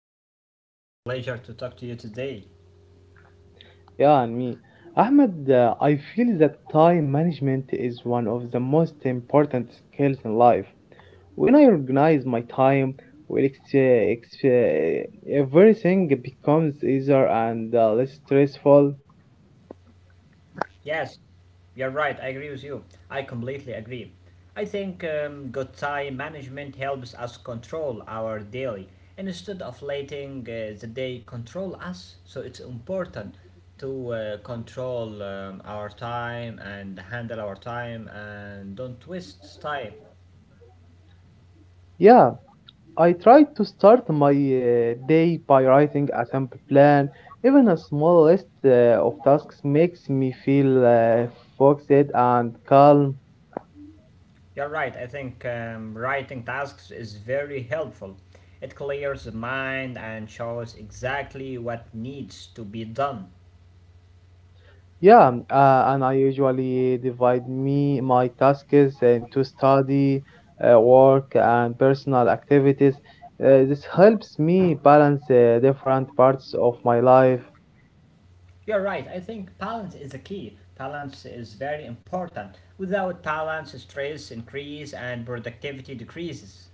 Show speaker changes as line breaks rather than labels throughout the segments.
thank you. It's my pleasure to talk to you today.
Yeah, and me. Ahmed, I feel that time management is one of the most important skills in life. When I organize my time, well, everything becomes easier and less stressful.
Yes, you're right, I agree with you. I completely agree. I think good time management helps us control our daily instead of letting the day control us. So it's important to control our time and handle our time and don't waste time.
Yeah, I try to start my day by writing a simple plan. Even a small list of tasks makes me feel focused and calm.
You're right. I think writing tasks is very helpful. It clears the mind and shows exactly what needs to be done.
Yeah, and I usually divide me my tasks into study, work, and personal activities. This helps me balance different parts of my life.
You're right. I think balance is the key. Balance is very important. Without balance, stress increases and productivity decreases.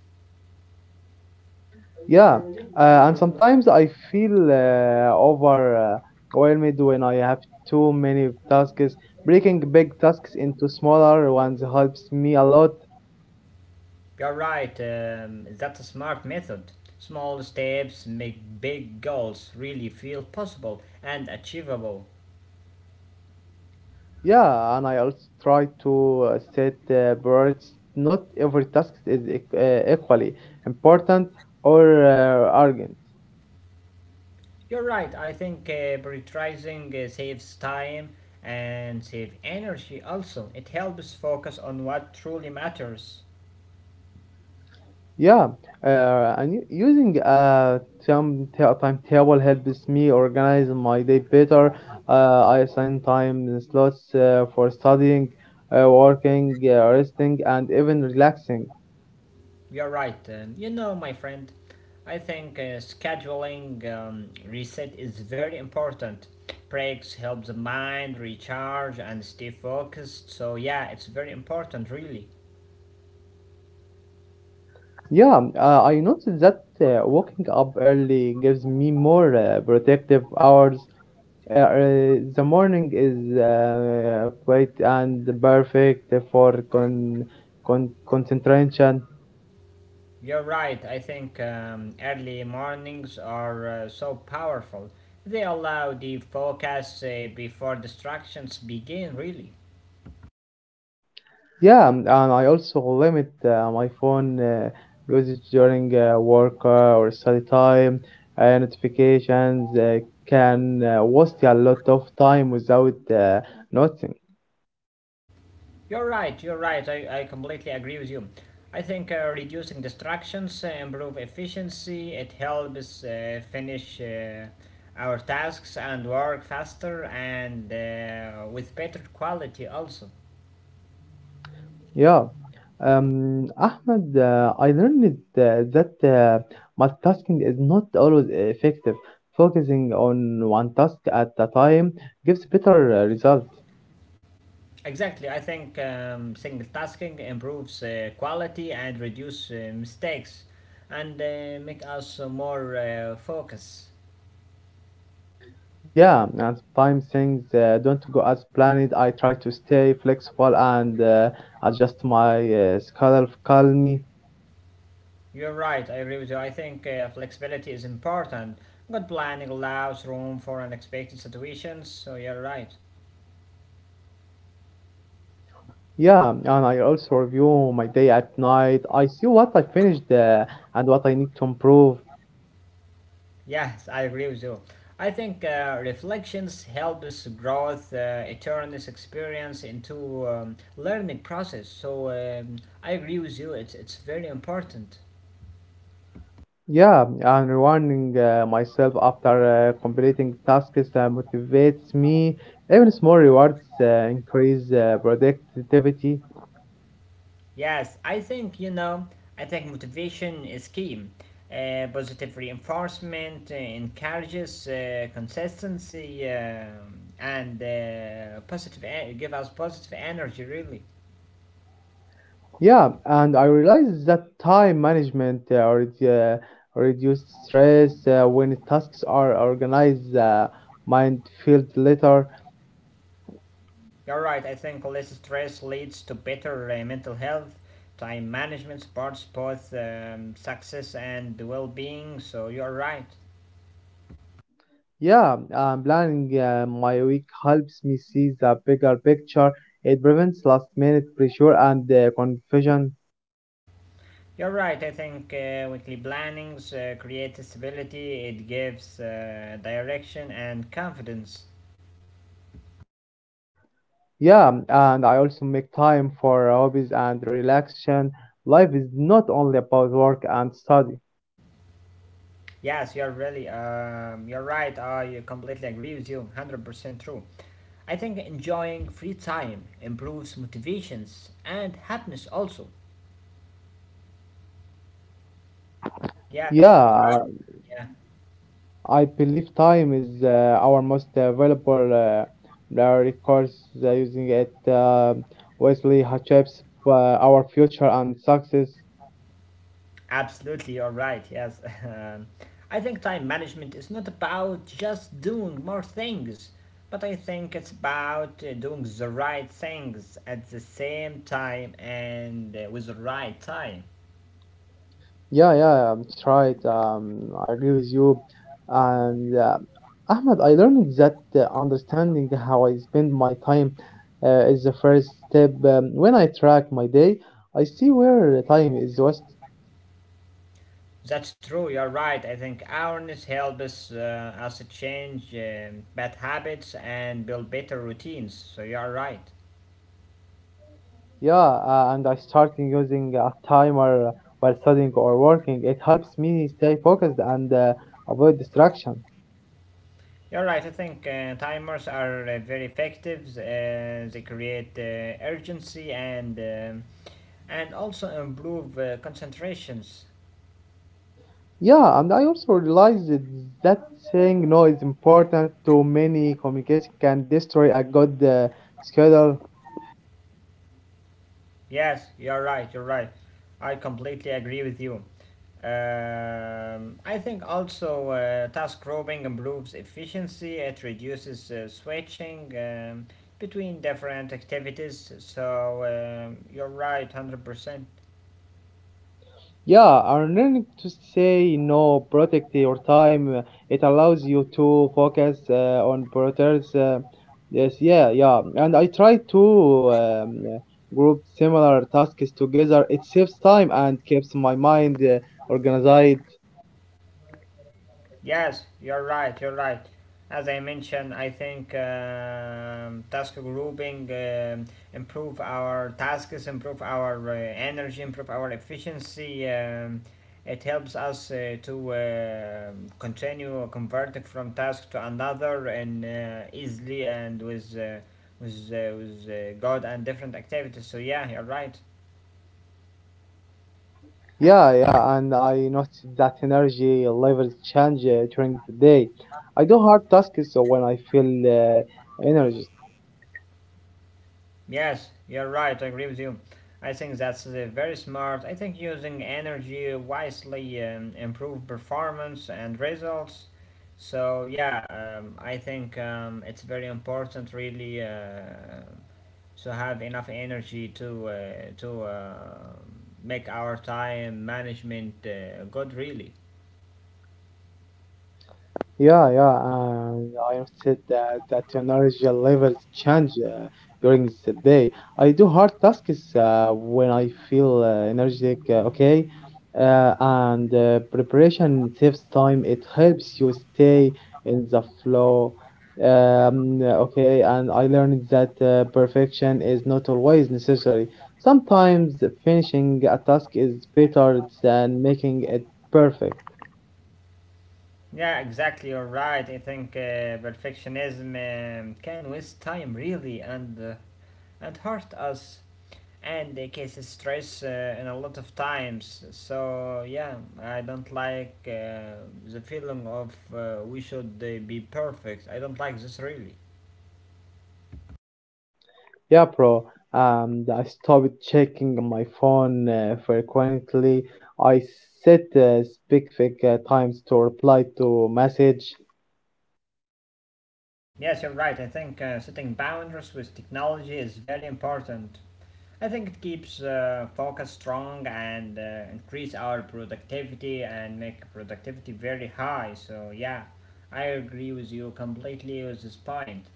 Yeah, and sometimes I feel overwhelmed when I have too many tasks. Breaking big tasks into smaller ones helps me a lot.
You're right. That's a smart method. Small steps make big goals really feel possible and achievable.
Yeah, and I also try to set priorities. Not every task is equally important or urgent.
You're right. I think prioritizing saves time and save energy also. It helps focus on what truly matters.
Yeah, using a timetable helps me organize my day better. I assign time slots for studying, working, resting, and even relaxing.
You're right. You know, my friend, I think scheduling reset is very important. Breaks help the mind recharge and stay focused. So yeah, it's very important really.
Yeah, I noticed that waking up early gives me more protective hours. The morning is quiet and perfect for concentration.
You're right. I think early mornings are so powerful. They allow the focus before distractions begin, really.
Yeah, and I also limit my phone usage during work or study time. Notifications can waste a lot of time without noticing.
You're right. You're right. I completely agree with you. I think reducing distractions improve efficiency. It helps finish our tasks and work faster and with better quality also.
Yeah. Ahmed, I learned that multitasking is not always effective. Focusing on one task at a time gives better results.
Exactly, I think single tasking improves quality and reduce mistakes and make us more focus.
Yeah, and sometimes things don't go as planned. I try to stay flexible and adjust my schedule calmly.
You're right, I agree with you. I think flexibility is important. Good planning allows room for unexpected situations, so you're right.
Yeah, and I also review my day at night. I see what I finished and what I need to improve.
Yes, I agree with you. I think reflections helps growth, eternus experience into learning process. So I agree with you. It's very important.
Yeah, I'm rewarding myself after completing tasks that motivates me. Even small rewards increase productivity.
Yes, I think, you know, I think motivation is key. Positive reinforcement encourages consistency and give us positive energy really.
Yeah, and I realize that time management, reduce stress when tasks are organized. Mind feels later.
You're right, I think less stress leads to better mental health, time management, supports both success and well-being, so you're right.
Yeah, planning my week helps me see the bigger picture. It prevents last minute pressure and confusion.
You're right. I think weekly plannings creates stability. It gives direction and confidence.
Yeah, and I also make time for hobbies and relaxation. Life is not only about work and study.
Yes, you're really you're right. I completely agree with you. 100% true. I think enjoying free time improves motivations and happiness also. Yes.
Yeah,
Yeah.
I believe time is our most valuable resource. Using it wisely shapes our future and success.
Absolutely, you're right. Yes. I think time management is not about just doing more things, but I think it's about doing the right things at the same time and with the right time.
Yeah, yeah, it's right. I agree with you. And Ahmed, I learned that understanding how I spend my time is the first step. When I track my day, I see where time is wasted.
That's true, you're right. I think awareness helps us change bad habits and build better routines. So you're right.
Yeah, and I starting using a timer while studying or working. It helps me stay focused and avoid distractions.
You're right. I think timers are very effective. They create urgency and and also improve concentrations.
Yeah, and I also realized that saying no is important. Too many communication can destroy a good schedule.
Yes, you're right. You're right. I completely agree with you. I think also task grouping improves efficiency. It reduces switching between different activities. So you're right, 100%.
Yeah, and learning to say no, protect your time. It allows you to focus on priorities. Yes, yeah, yeah. And I try to group similar tasks together. It saves time and keeps my mind organized.
Yes, you're right, you're right. As I mentioned, I think task grouping improve our tasks, improve our energy, improve our efficiency. It helps us to continue converting from task to another and easily and with God and different activities. So yeah, you're right.
Yeah, yeah, and I noticed that energy levels change during the day. I do hard tasks when I feel energized.
Yes, you're right, I agree with you. I think that's very smart. I think using energy wisely improve performance and results. So I think it's very important really to have enough energy to make our time management good really.
Yeah, yeah, and I have said that energy levels change during the day. I do hard tasks when I feel energetic, okay? And preparation saves time. It helps you stay in the flow. Okay, and I learned that perfection is not always necessary. Sometimes finishing a task is better than making it perfect.
Yeah, exactly. You're right. I think perfectionism can waste time really and and hurt us. And they cause stress in a lot of times. So yeah, I don't like the feeling of we should be perfect. I don't like this really.
Yeah, bro. I stopped checking my phone frequently. I set specific times to reply to message.
Yes, you're right. I think setting boundaries with technology is very important. I think it keeps focus strong and increase our productivity and make productivity very high. So yeah, I agree with you completely with this point.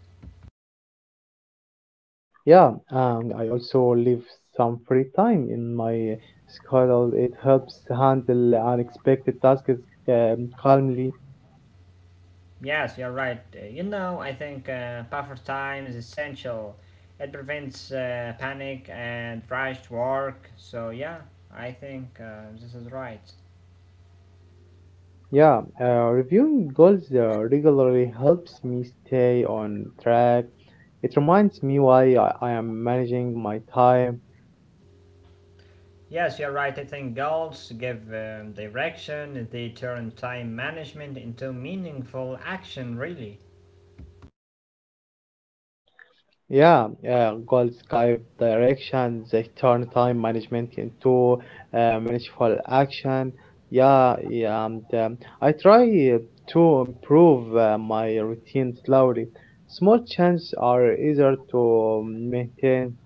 Yeah, and I also leave some free time in my schedule. It helps handle unexpected tasks calmly.
Yes, you're right. You know, I think buffer time is essential. It prevents panic and rushed work. So yeah, I think this is right.
Yeah, reviewing goals regularly helps me stay on track. It reminds me why I am managing my time.
Yes, you're right. I think goals give direction. They turn time management into meaningful action. Really.
Yeah, yeah, goal sky direction, they turn time management into manageful action. Yeah, yeah, and I try uh, to improve my routine slowly. Small changes are easier to maintain.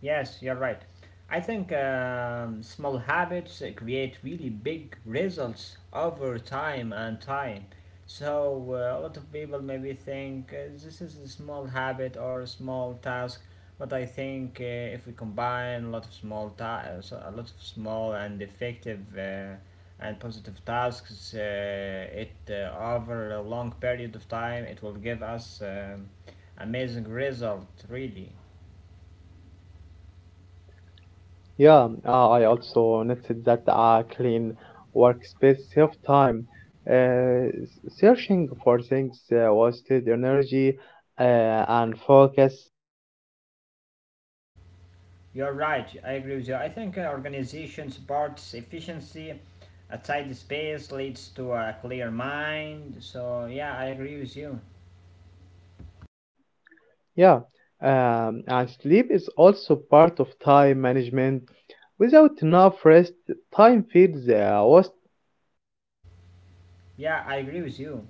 Yes, you're right. I think small habits create really big results over time and time. So a lot of people maybe think this is a small habit or a small task, but I think if we combine a lot of small and effective and positive tasks, it over a long period of time, it will give us amazing result really.
Yeah, I also noticed that a clean workspace save time. Searching for things wasted energy uh, and focus.
You're right. I agree with you. I think organization supports efficiency. A tidy space leads to a clear mind. So yeah, I agree with you.
Yeah, and sleep is also part of time management. Without enough rest, time feels was.
Yeah, I agree with you.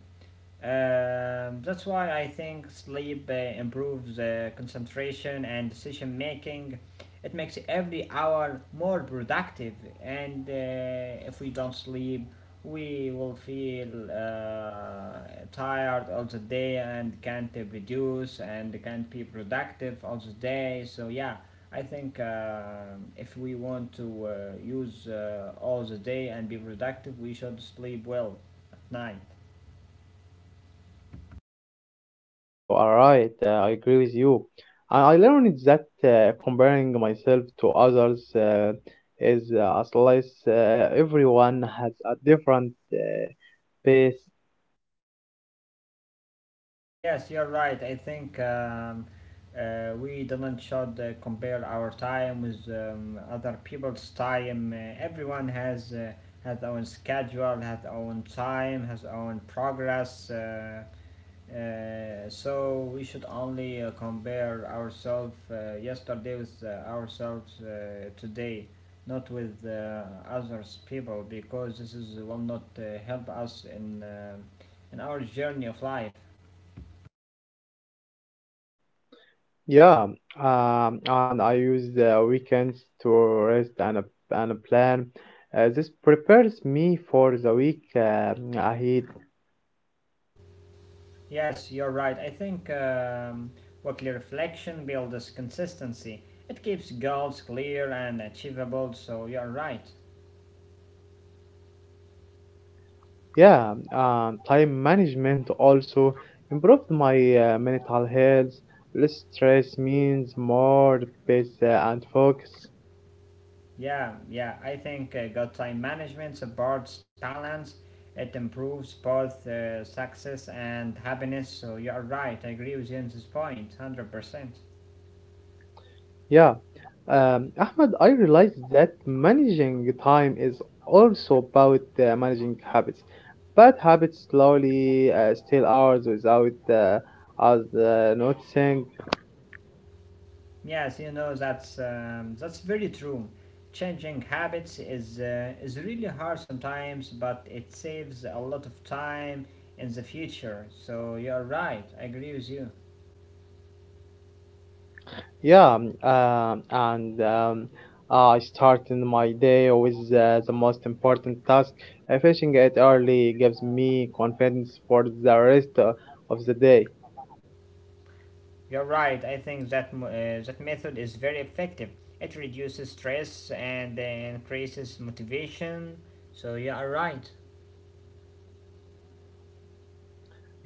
That's why I think sleep improves concentration and decision making. It makes every hour more productive, and if we don't sleep, we will feel tired all the day and can't produce and can't be productive all the day. So, yeah, I think if we want to use all the day and be productive, we should sleep well. Nine.
Yeah, yeah, you are right. I agree with you. And I learned that comparing myself to others is as less. Everyone has a different pace.
Yes, you're right. I think we didn't should compare our time with other people's time. Everyone has own schedule, has own time, has own progress. So we should only compare ourselves yesterday with ourselves today, not with others people, because this is will not help us in our journey of life.
Yeah, and I use the weekends to rest and a plan. This prepares me for the week ahead.
Yes, you're right. I think weekly reflection builds consistency. It keeps goals clear and achievable, so you're right.
Yeah, time management also improved my mental health. Less stress means more peace and focus.
Yeah, yeah, I think good time management supports balance. It improves both success and happiness, so you're right. I agree with you on this point, 100%.
Yeah, Ahmed, I realized that managing time is also about managing habits. Bad habits slowly steal hours without us noticing.
Yes, you know that's very true. Changing habits is really hard sometimes, but it saves a lot of time in the future. So you're right. I agree with you.
Yeah, and I start in my day with the most important task. Finishing it early gives me confidence for the rest of the day.
You're right. I think that that method is very effective. It reduces stress and increases motivation. So you are right.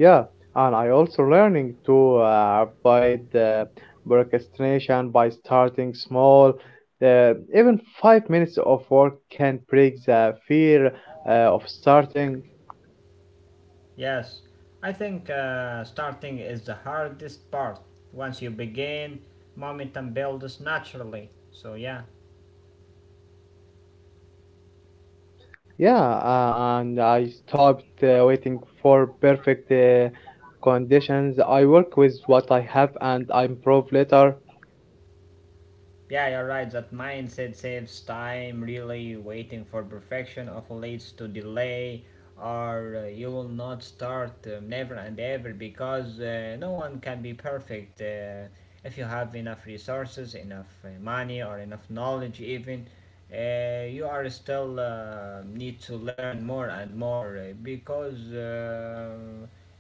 Yeah, and I also learning to avoid procrastination by starting small. Even 5 minutes of work can break the fear of starting.
Yes, I think starting is the hardest part. Once you begin, momentum builds naturally. So yeah.
Yeah, and I stopped waiting for perfect conditions. I work with what I have and I improve later.
Yeah, you're right. That mindset saves time. Really, waiting for perfection often leads to delay, or you will not start never and ever because no one can be perfect. If you have enough resources, enough money, or enough knowledge, even you are still need to learn more and more because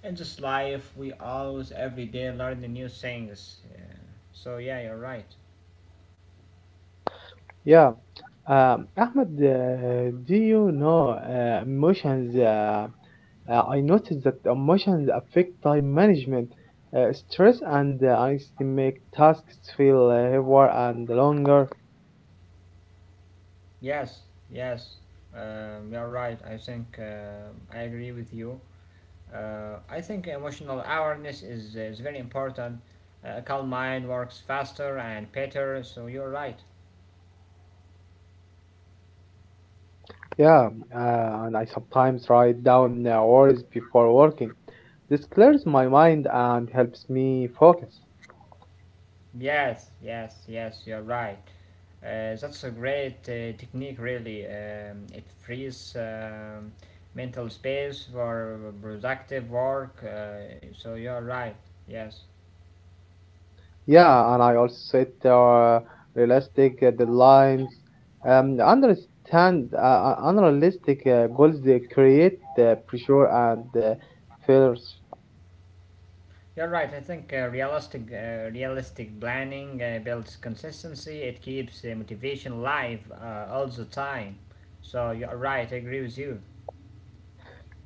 in this life we always every day learn new things. So yeah, you're right.
Yeah. Ahmed, do you know emotions? I noticed that emotions affect time management. Stress and anxiety make tasks feel heavier and longer.
Yes, yes, you're right. I think I agree with you. I think emotional awareness is very important. A calm mind works faster and better, so you're right.
Yeah, and I sometimes write down the words before working. This clears my mind and helps me focus.
Yes, yes, yes, you're right. That's a great technique, really. It frees mental space for productive work, so you're right. Yes.
Yeah, and I also set realistic deadlines. Understand Unrealistic goals they create pressure and fears.
You're right. I think realistic planning builds consistency. It keeps motivation alive all the time. So you're right. I agree with you.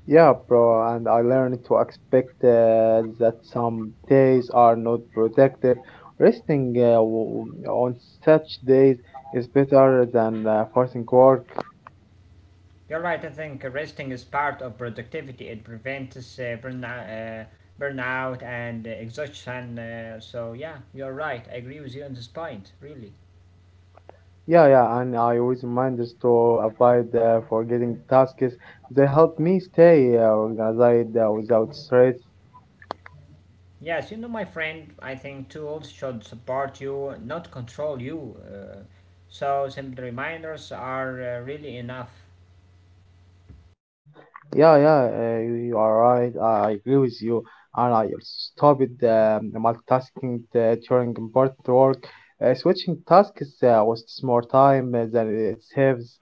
Yeah, bro, and I learned to expect that some days are not productive. Resting on such days is better than forcing work.
You're right. I think resting is part of productivity. It prevents burnout and exhaustion. So yeah, you're right. I agree with you on this point. Really.
Yeah, yeah, and I use reminders to avoid forgetting tasks. They help me stay organized without stress.
Yes, you know, my friend. I think tools should support you, not control you. So simple reminders are really enough.
Yeah, yeah, you are right. I agree with you. And I stopped multitasking during important work. Switching tasks wastes more time than it saves.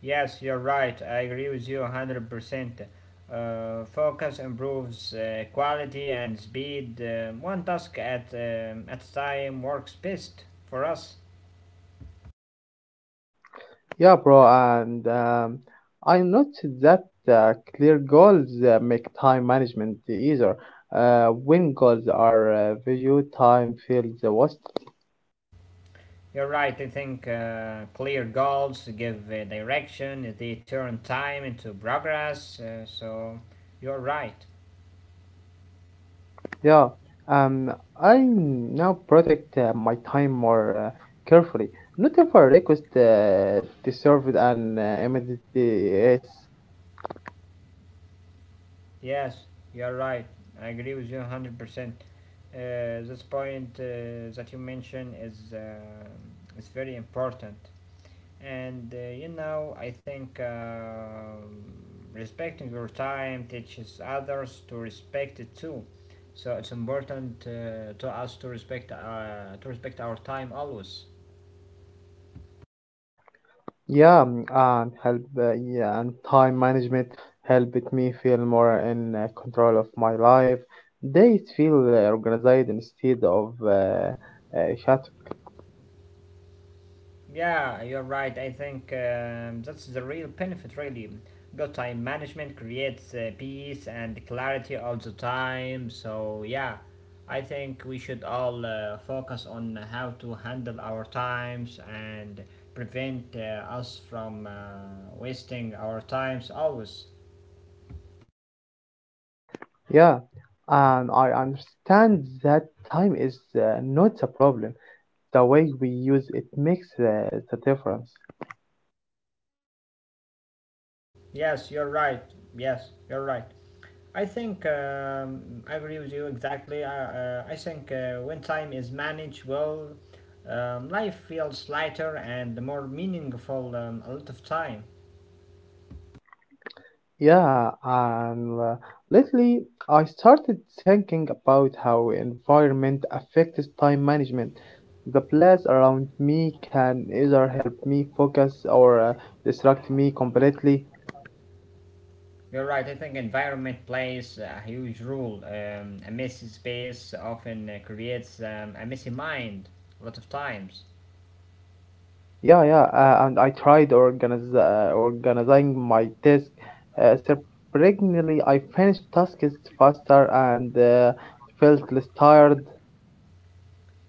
Yes, you're right. I agree with you 100%. Focus improves quality and speed. One task at a time works best for us.
Yeah, bro. And I noticed that clear goals make time management easier. When goals are visual, time feels wasted.
You're right. I think clear goals give direction, they turn time into progress. So you're right.
Yeah, um, I now protect my time more carefully. Not ever request deserved and immediate yes.
Yes, you're right. I agree with you 100%. This point that you mentioned is very important. And you know I think respecting your time teaches others to respect it too, so it's important to us to respect our time always.
Yeah, and help yeah, and time management helped me feel more in control of my life. Days feel organized instead of shattered.
Yeah, you're right. I think that's the real benefit, really. Good time management creates peace and clarity all the time. So, yeah, I think we should all focus on how to handle our times and prevent us from wasting our times always.
Yeah, and I understand that time is not a problem. The way we use it makes the difference.
Yes, you're right. Yes, you're right. I think I agree with you exactly. I think when time is managed well, life feels lighter and more meaningful a lot of time.
Yeah, and lately I started thinking about how environment affects time management. The place around me can either help me focus or distract me completely.
You're right. I think environment plays a huge role. A messy space often creates a messy mind a lot of times.
Yeah, yeah, and I tried organizing my task. Surprisingly, I finished tasks faster and felt less tired.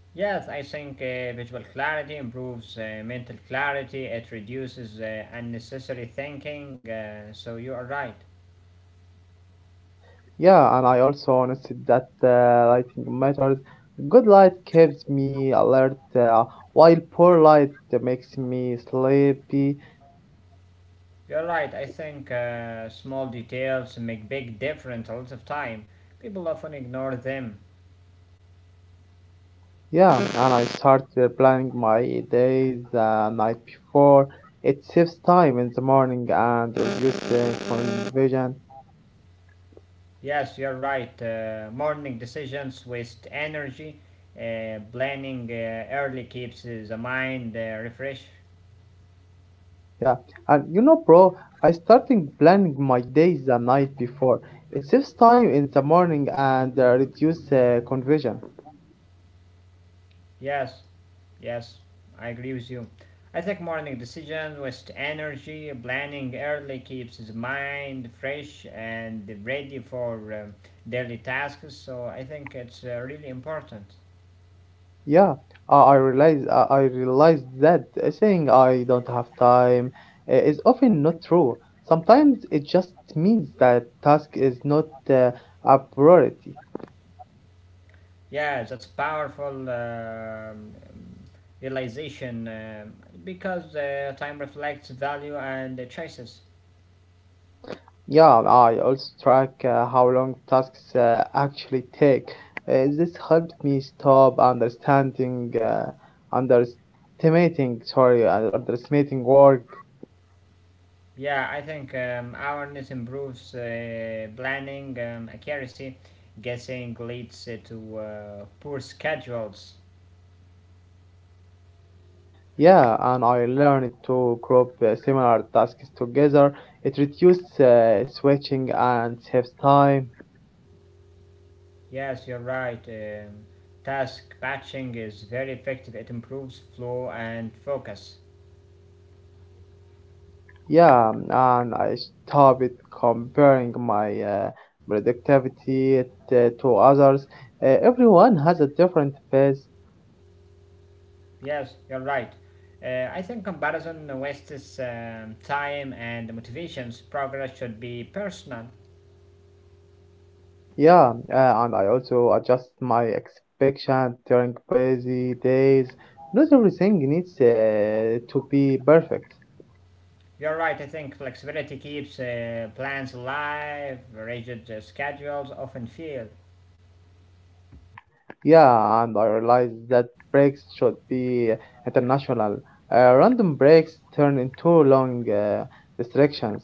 Yes, I think visual clarity improves mental clarity. It reduces unnecessary thinking, so you are right.
Yeah, and I also noticed that lighting matters. Good light keeps me alert, while poor light makes me sleepy.
You're right, I think small details make big difference a lot of time. People often ignore them.
Yeah, and I start planning my days the night before. It saves time in the morning and reduces confusion.
Yes, you're right. Morning decisions waste energy. Planning early keeps the mind refreshed.
Yeah, and you know, bro, I started planning my days the night before. It saves time in the morning and reduces confusion.
Yes. Yes, I agree with you. I think morning decisions waste energy. Planning early keeps the mind fresh and ready for daily tasks. So I think it's really important.
Yeah, I realized that saying I don't have time is often not true. Sometimes it just means that task is not a priority.
Yeah, that's powerful realization, because time reflects value and choices.
Yeah, I also track how long tasks actually take. This helped me stop underestimating, sorry, underestimating work.
Yeah, I think awareness improves planning accuracy. Guessing leads to poor schedules.
Yeah, and I learned to group similar tasks together. It reduces switching and saves time.
Yes, you're right. Task batching is very effective. It improves flow and focus.
Yeah, and I stopped comparing my productivity to others. Everyone has a different pace.
Yes, you're right. I think comparison wastes time and motivations. Progress should be personal.
Yeah, and I also adjust my expectation during busy days. Not everything needs to be perfect.
You're right. I think flexibility keeps plans alive. Rigid schedules often fail.
Yeah, and I realized that breaks should be international. Random breaks turn into long distractions.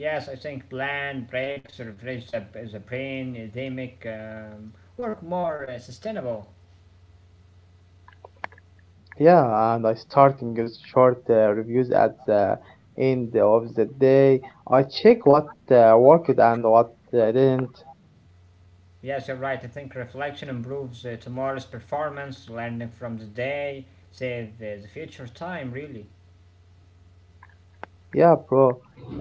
Yes, I think planned breaks refresh the brain. They make work more sustainable.
Yeah, and I starting with short reviews at the end of the day. I check what worked and what didn't.
Yes, you're right. I think reflection improves tomorrow's performance. Learning from the day save the future time, really.
Yeah, bro.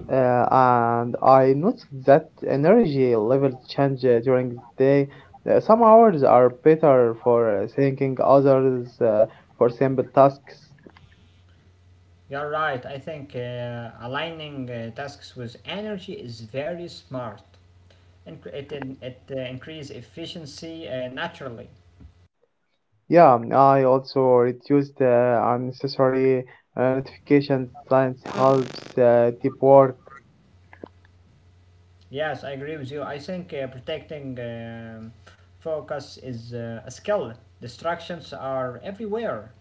And I noticed that energy levels change during the day. Some hours are better for thinking, others for simple tasks.
You're right. I think aligning tasks with energy is very smart, and it increases efficiency naturally.
Yeah, I also reduced unnecessary notifications. Science helps deep work.
Yes, I agree with you. I think protecting focus is a skill. Distractions are everywhere.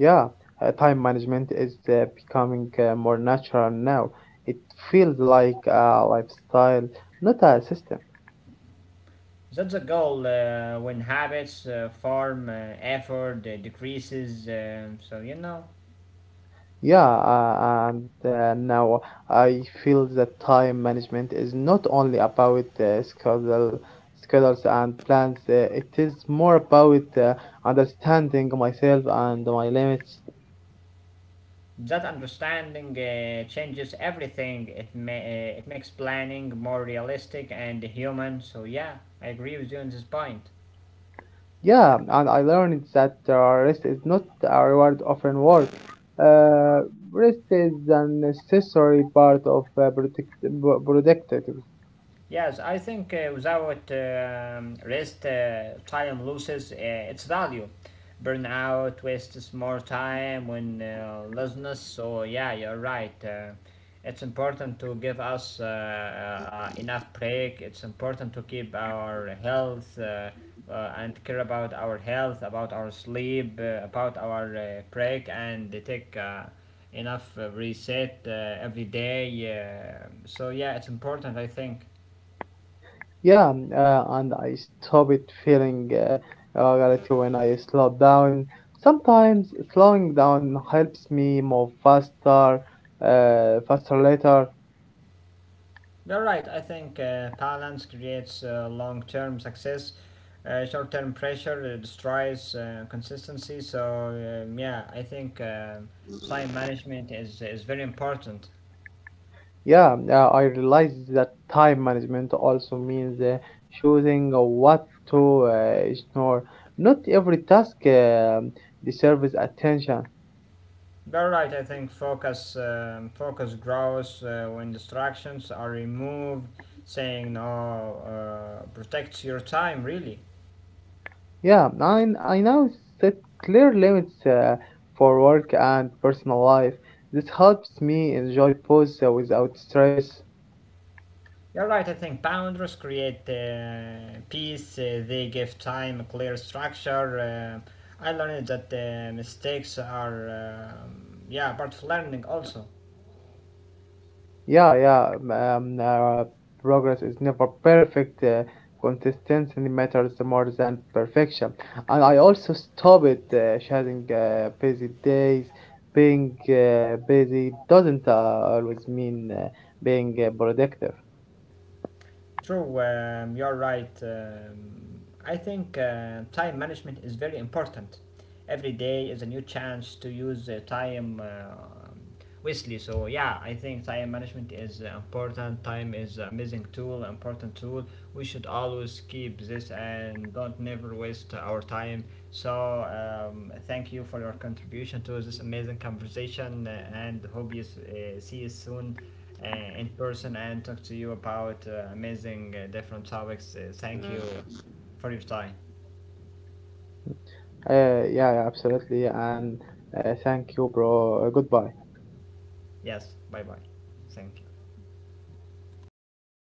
Yeah, time management is becoming more natural now. It feels like a lifestyle, not a system.
That's the goal. When habits form, effort decreases.
Yeah, and now I feel that time management is not only about schedules and plans. It is more about understanding myself and my limits.
That understanding changes everything. It makes planning more realistic and human. So yeah, I agree with you on this point.
Yeah, and I learned that rest is not a reward of an work. Uh, Rest is an necessary part of productive.
Yes, I think without rest, time loses its value. Burnout wastes more time when laziness. So yeah, you're right. It's important to give us enough break. It's important to keep our health and care about our health, about our sleep, about our break, and take enough reset every day, so yeah, it's important, I think.
Yeah, and I stop it feeling guilty when I slow down. Sometimes slowing down helps me move faster, faster later.
You're right. I think balance creates long term success. Short term pressure destroys consistency. So, yeah, I think time management is very important.
Yeah, I realize that time management also means choosing what to ignore. Not every task deserves attention.
You're right. I think focus grows when distractions are removed. Saying no protects your time, really.
Yeah, I now set clear limits for work and personal life. This helps me enjoy pause without stress.
You're right, I think boundaries create peace. They give time a clear structure. I learned that mistakes are, um yeah, part of learning also.
Yeah, yeah. Progress is never perfect. Consistency matters more than perfection. And I also stopped sharing busy days. Being busy doesn't always mean being productive.
True, you're right. I think time management is very important. Every day is a new chance to use time wisely. So yeah, I think time management is important. Time is an amazing tool, important tool. We should always keep this and don't never waste our time. So thank you for your contribution to this amazing conversation and hope you see you soon uh, in person and talk to you about amazing different topics. Thank you for your time.
Uh, yeah, yeah, absolutely. And thank you, bro. Goodbye.
Yes, bye bye. Thank you.